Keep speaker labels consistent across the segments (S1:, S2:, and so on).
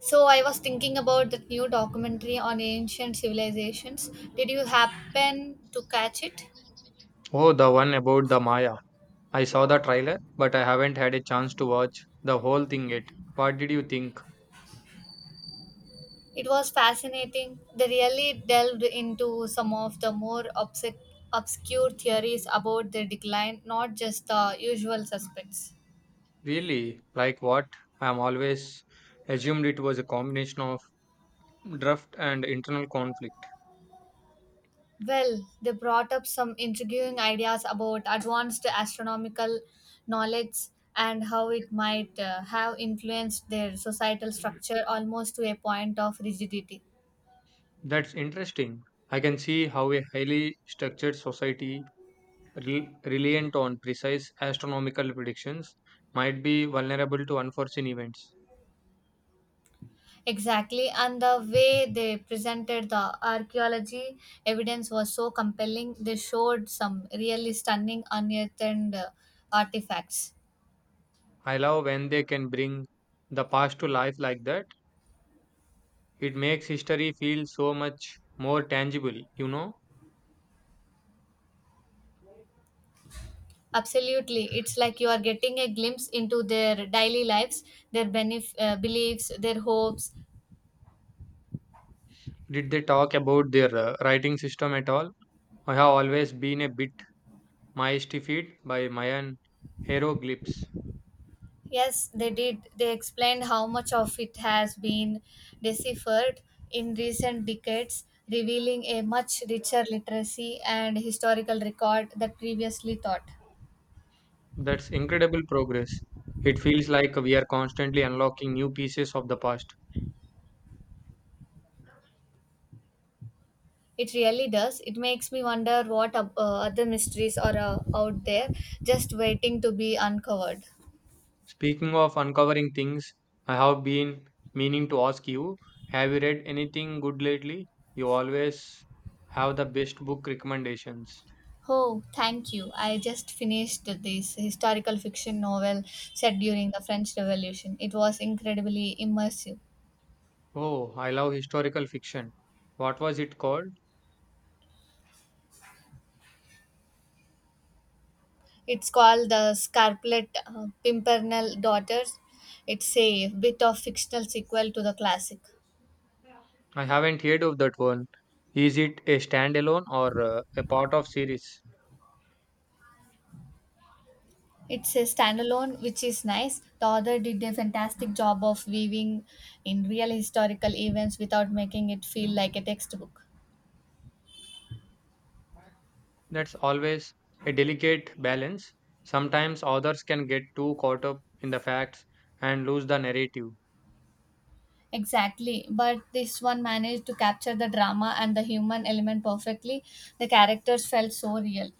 S1: So I was thinking about that new documentary on ancient civilizations. Did you happen to catch it?
S2: Oh, the one about the Maya. I saw the trailer, but I haven't had a chance to watch the whole thing yet. What did you think?
S1: It was fascinating. They really delved into some of the more obscure theories about their decline, not just the usual suspects.
S2: Really? Like what? I am always assumed it was a combination of draft and internal conflict.
S1: Well, they brought up some intriguing ideas about advanced astronomical knowledge and how it might have influenced their societal structure almost to a point of rigidity.
S2: That's interesting. I can see how a highly structured society reliant on precise astronomical predictions might be vulnerable to unforeseen events.
S1: Exactly, and the way they presented the archaeology evidence was so compelling. They showed some really stunning unearthed uh, artifacts.
S2: I love when they can bring the past to life like that. It makes history feel so much more tangible.
S1: Absolutely, it's like you are getting a glimpse into their daily lives, their beliefs, their hopes.
S2: Did they talk about their writing system at all? I have always been a bit mystified by Mayan hieroglyphs.
S1: Yes, they did. They explained how much of it has been deciphered in recent decades, revealing a much richer literacy and historical record that previously thought.
S2: That's incredible progress. It feels like we are constantly unlocking new pieces of the past.
S1: It really does. It makes me wonder what other mysteries are out there just waiting to be uncovered.
S2: Speaking of uncovering things, I have been meaning to ask you, have you read anything good lately? You always have the best book recommendations.
S1: Oh, thank you. I just finished this historical fiction novel set during the French Revolution. It was incredibly immersive.
S2: Oh, I love historical fiction. What was it called?
S1: It's called The Scarlet Pimpernel Daughters. It's a bit of fictional sequel to the classic.
S2: I haven't heard of that one. Is it a standalone or a part of series?
S1: It's a standalone, which is nice. The author did a fantastic job of weaving in real historical events without making it feel like a textbook.
S2: That's always a delicate balance. Sometimes authors can get too caught up in the facts and lose the narrative.
S1: Exactly, but this one managed to capture the drama and the human element perfectly. The characters felt so real.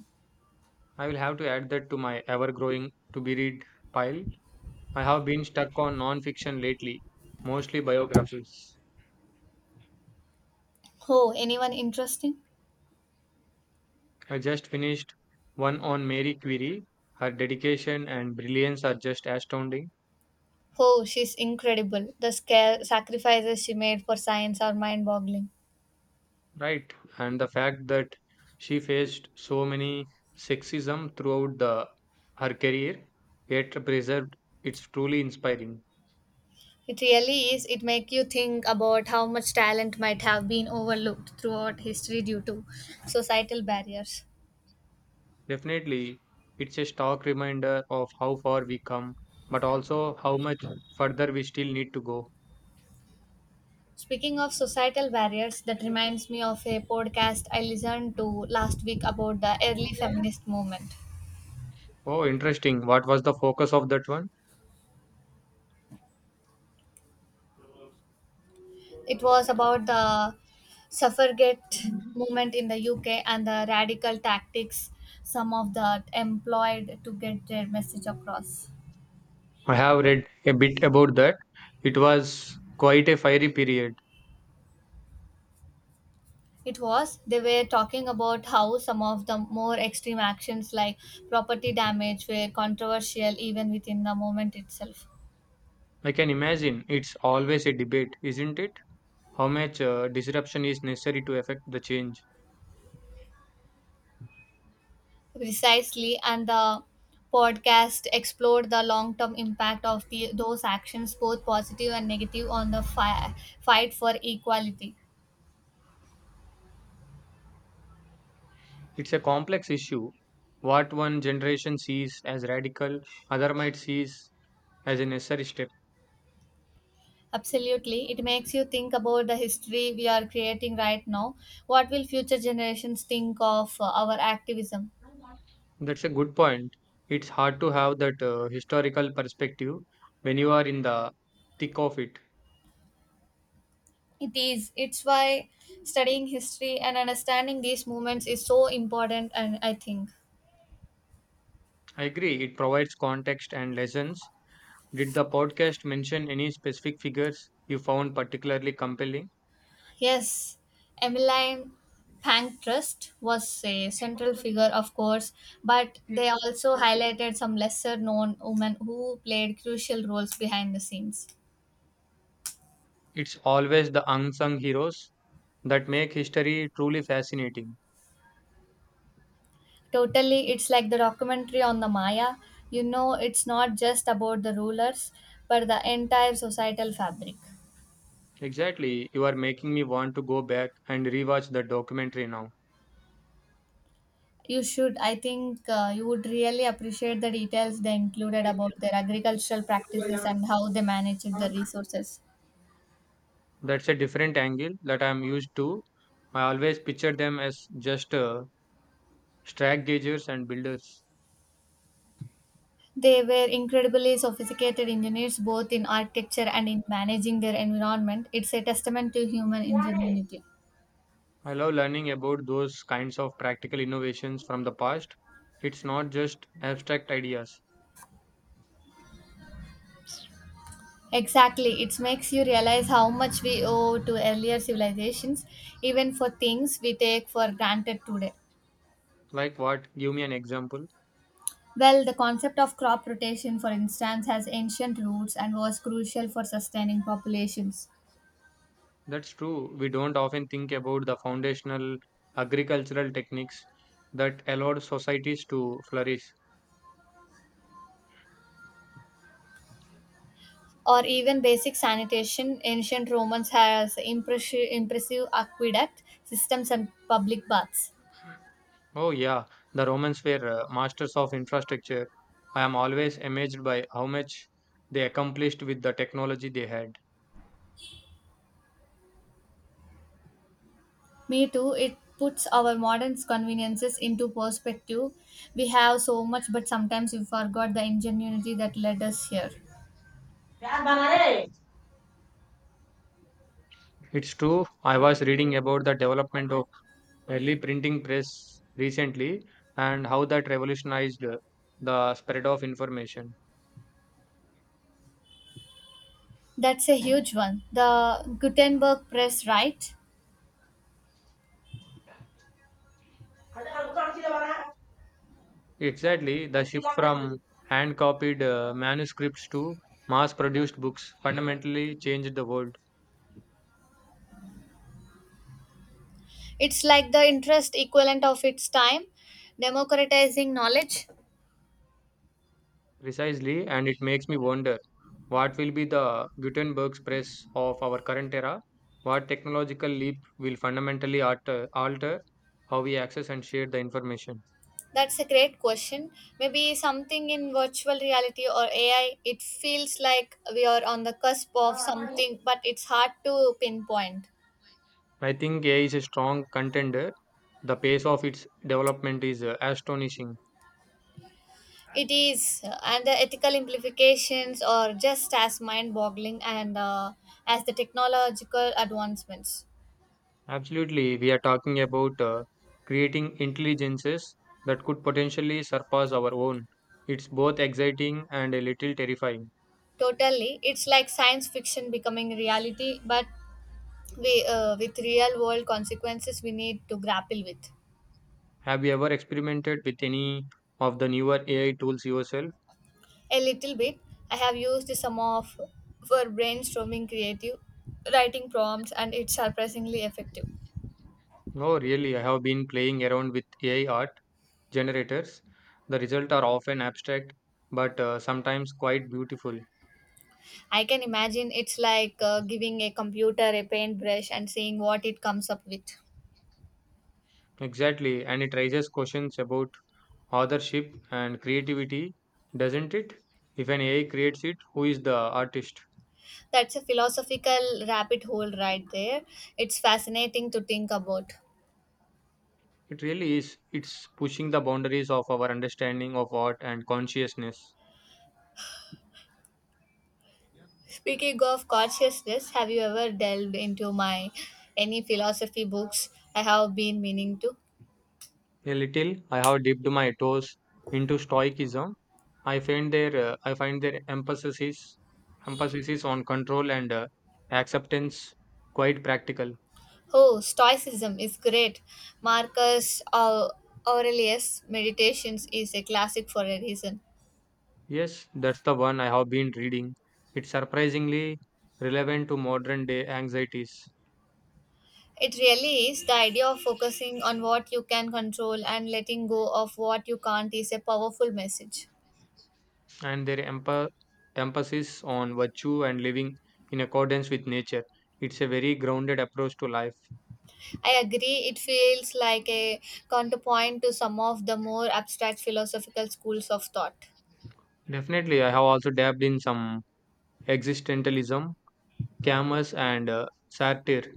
S2: I will have to add that to my ever-growing to-be-read pile. I have been stuck on non-fiction lately, mostly biographies.
S1: Oh, anyone interesting?
S2: I just finished one on Mary Curie. Her dedication and brilliance are just astounding.
S1: Oh, she's incredible. The scare sacrifices she made for science are mind boggling.
S2: Right. And the fact that she faced so many sexism throughout the her career, yet preserved, it's truly inspiring.
S1: It really is. It makes you think about how much talent might have been overlooked throughout history due to societal barriers.
S2: Definitely, it's a stark reminder of how far we come, but also how much further we still need to go.
S1: Speaking of societal barriers, that reminds me of a podcast I listened to last week about the early feminist movement.
S2: Oh, interesting. What was the focus of that one?
S1: It was about the suffragette movement in the UK and the radical tactics some of that employed to get their message across.
S2: I have read a bit about that. It was quite a fiery period.
S1: It was. They were talking about how some of the more extreme actions like property damage were controversial even within the movement itself.
S2: I can imagine, it's always a debate, isn't it? How much disruption is necessary to affect the change?
S1: Precisely, and the podcast explored the long term impact of those actions, both positive and negative, on the fight for equality.
S2: It's a complex issue. What one generation sees as radical, other might see as a necessary step.
S1: Absolutely. It makes you think about the history we are creating right now. What will future generations think of our activism?
S2: That's a good point. It's hard to have that historical perspective when you are in the thick of it.
S1: It is. It's why studying history and understanding these movements is so important, and I think.
S2: I agree, it provides context and lessons. Did the podcast mention any specific figures you found particularly compelling?
S1: Yes, Emmeline Pankhurst was a central figure, of course, but they also highlighted some lesser known women who played crucial roles behind the scenes.
S2: It's always the unsung heroes that make history truly fascinating.
S1: Totally, it's like the documentary on the Maya. You know, it's not just about the rulers, but the entire societal fabric.
S2: Exactly, you are making me want to go back and rewatch the documentary now.
S1: You should. I think you would really appreciate the details they included about their agricultural practices and how they managed the resources.
S2: That's a different angle that I'm used to. I always picture them as just strike gaugers and builders.
S1: They were incredibly sophisticated engineers both in architecture and in managing their environment. It's a testament to human ingenuity.
S2: I love learning about those kinds of practical innovations from the past. It's not just abstract ideas.
S1: Exactly. It makes you realize how much we owe to earlier civilizations, even for things we take for granted today.
S2: Like what? Give me an example.
S1: Well, the concept of crop rotation, for instance, has ancient roots and was crucial for sustaining populations.
S2: That's true. We don't often think about the foundational agricultural techniques that allowed societies to flourish.
S1: Or even basic sanitation, ancient Romans has impressive aqueduct systems and public baths.
S2: Oh, yeah, the Romans were masters of infrastructure. I am always amazed by how much they accomplished with the technology they had.
S1: Me too, it puts our modern conveniences into perspective. We have so much, but sometimes we forgot the ingenuity that led us here.
S2: It's true, I was reading about the development of early printing press recently and how that revolutionized the spread of information.
S1: That's a huge one. The Gutenberg Press, right?
S2: Exactly, the shift from hand copied manuscripts to mass produced books fundamentally changed the world.
S1: It's like the interest equivalent of its time, democratizing knowledge.
S2: Precisely, and it makes me wonder what will be the Gutenberg's press of our current era? What technological leap will fundamentally alter how we access and share the information?
S1: That's a great question. Maybe something in virtual reality or AI. It feels like we are on the cusp of something, but it's hard to pinpoint.
S2: I think AI is a strong contender. The pace of its development is astonishing.
S1: It is, and the ethical implications are just as mind boggling and as the technological advancements.
S2: Absolutely, we are talking about creating intelligences that could potentially surpass our own. It's both exciting and a little terrifying.
S1: Totally. It's like science fiction becoming reality, but with real world consequences we need to grapple with.
S2: Have you ever experimented with any of the newer AI tools yourself?
S1: A little bit. I have used some of for brainstorming creative writing prompts and it's surprisingly effective.
S2: No, really, I have been playing around with AI art generators. The results are often abstract, but sometimes quite beautiful.
S1: I can imagine it's like giving a computer a paintbrush and seeing what it comes up with.
S2: Exactly, and it raises questions about authorship and creativity, doesn't it? If an AI creates it, who is the artist?
S1: That's a philosophical rabbit hole right there. It's fascinating to think about.
S2: It really is. It's pushing the boundaries of our understanding of art and consciousness.
S1: Speaking of consciousness, have you ever delved into my any philosophy books I have been meaning to?
S2: A little, I have dipped my toes into Stoicism. I find their emphasis is on control and acceptance quite practical.
S1: Oh, Stoicism is great. Marcus Au- Aurelius' Meditations is a classic for a reason.
S2: Yes, that's the one I have been reading. It's surprisingly relevant to modern day anxieties
S1: It really is the idea of focusing on what you can control and letting go of what you can't is a powerful message.
S2: and their emphasis on virtue and living in accordance with nature. It's a very grounded approach to life.
S1: I agree, it feels like a counterpoint to some of the more abstract philosophical schools of thought.
S2: Definitely, I have also dabbed in some existentialism, camus, and satire.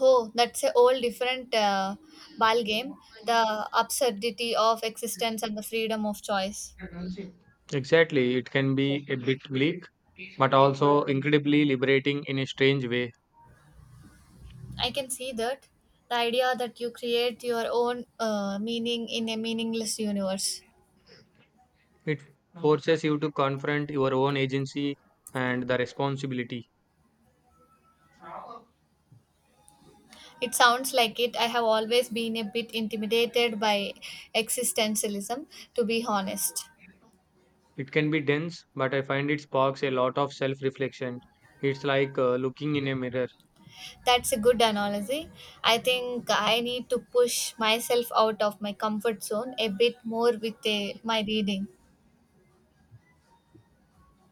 S1: Oh, that's a whole different ball game. The absurdity of existence and the freedom of choice.
S2: Exactly, it can be a bit bleak, but also incredibly liberating in a strange way.
S1: I can see that the idea that you create your own meaning in a meaningless universe.
S2: It forces you to confront your own agency and the responsibility.
S1: It sounds like it. I have always been a bit intimidated by existentialism, to be honest.
S2: It can be dense, but I find it sparks a lot of self reflection. It's like looking in a mirror.
S1: That's a good analogy. I think I need to push myself out of my comfort zone a bit more with my reading.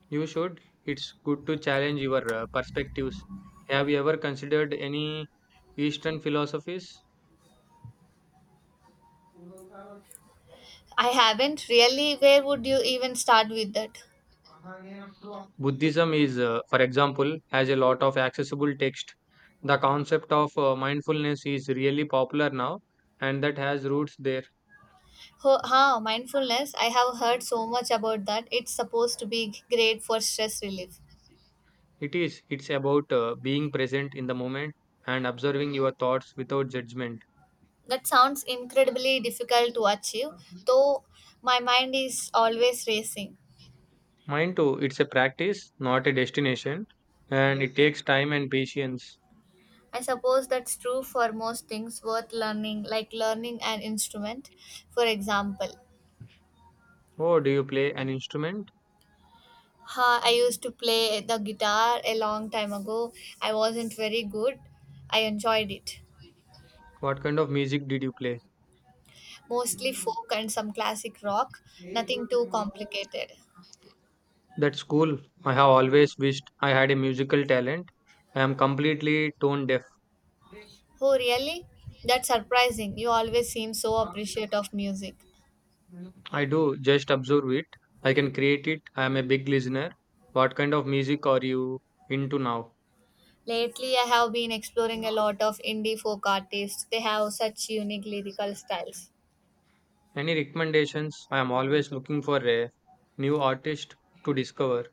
S2: You should. It's good to challenge your perspectives. Have you ever considered any Eastern philosophies?
S1: I haven't really. Where would you even start with that?
S2: Buddhism is, for example, has a lot of accessible text. The concept of mindfulness is really popular now, and that has roots there.
S1: Huh, mindfulness. I have heard so much about that. It's supposed to be great for stress relief.
S2: It is. It's about being present in the moment and observing your thoughts without judgment.
S1: That sounds incredibly difficult to achieve, though my mind is always racing.
S2: Mind too, it's a practice, not a destination, and it takes time and patience.
S1: I suppose that's true for most things worth learning, like learning an instrument, for example.
S2: Oh, do you play an instrument?
S1: Ha, I used to play the guitar a long time ago. I wasn't very good. I enjoyed it.
S2: What kind of music did you play?
S1: Mostly folk and some classic rock, nothing too complicated.
S2: That's cool. I have always wished I had a musical talent. I am completely tone deaf.
S1: Oh, really? That's surprising. You always seem so appreciative of music.
S2: I do just observe it. I can create it. I am a big listener. What kind of music are you into now?
S1: Lately, I have been exploring a lot of indie folk artists. They have such unique lyrical styles.
S2: Any recommendations? I am always looking for a new artist to discover.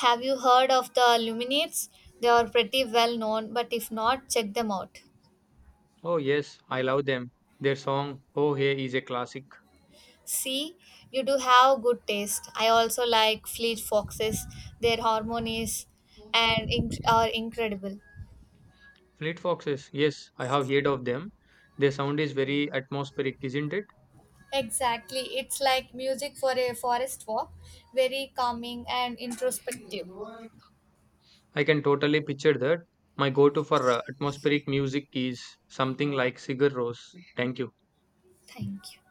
S1: Have you heard of the Luminates? They are pretty well known, but if not, check them out.
S2: Oh, yes, I love them. Their song Oh Hey is a classic.
S1: See, you do have good taste. I also like Fleet Foxes. Their harmonies are incredible.
S2: Fleet Foxes, yes, I have heard of them. Their sound is very atmospheric, isn't it?
S1: Exactly, it's like music for a forest walk, very calming and introspective.
S2: I can totally picture that. My go to for atmospheric music is something like Sigur Rós. Thank you.
S1: Thank you.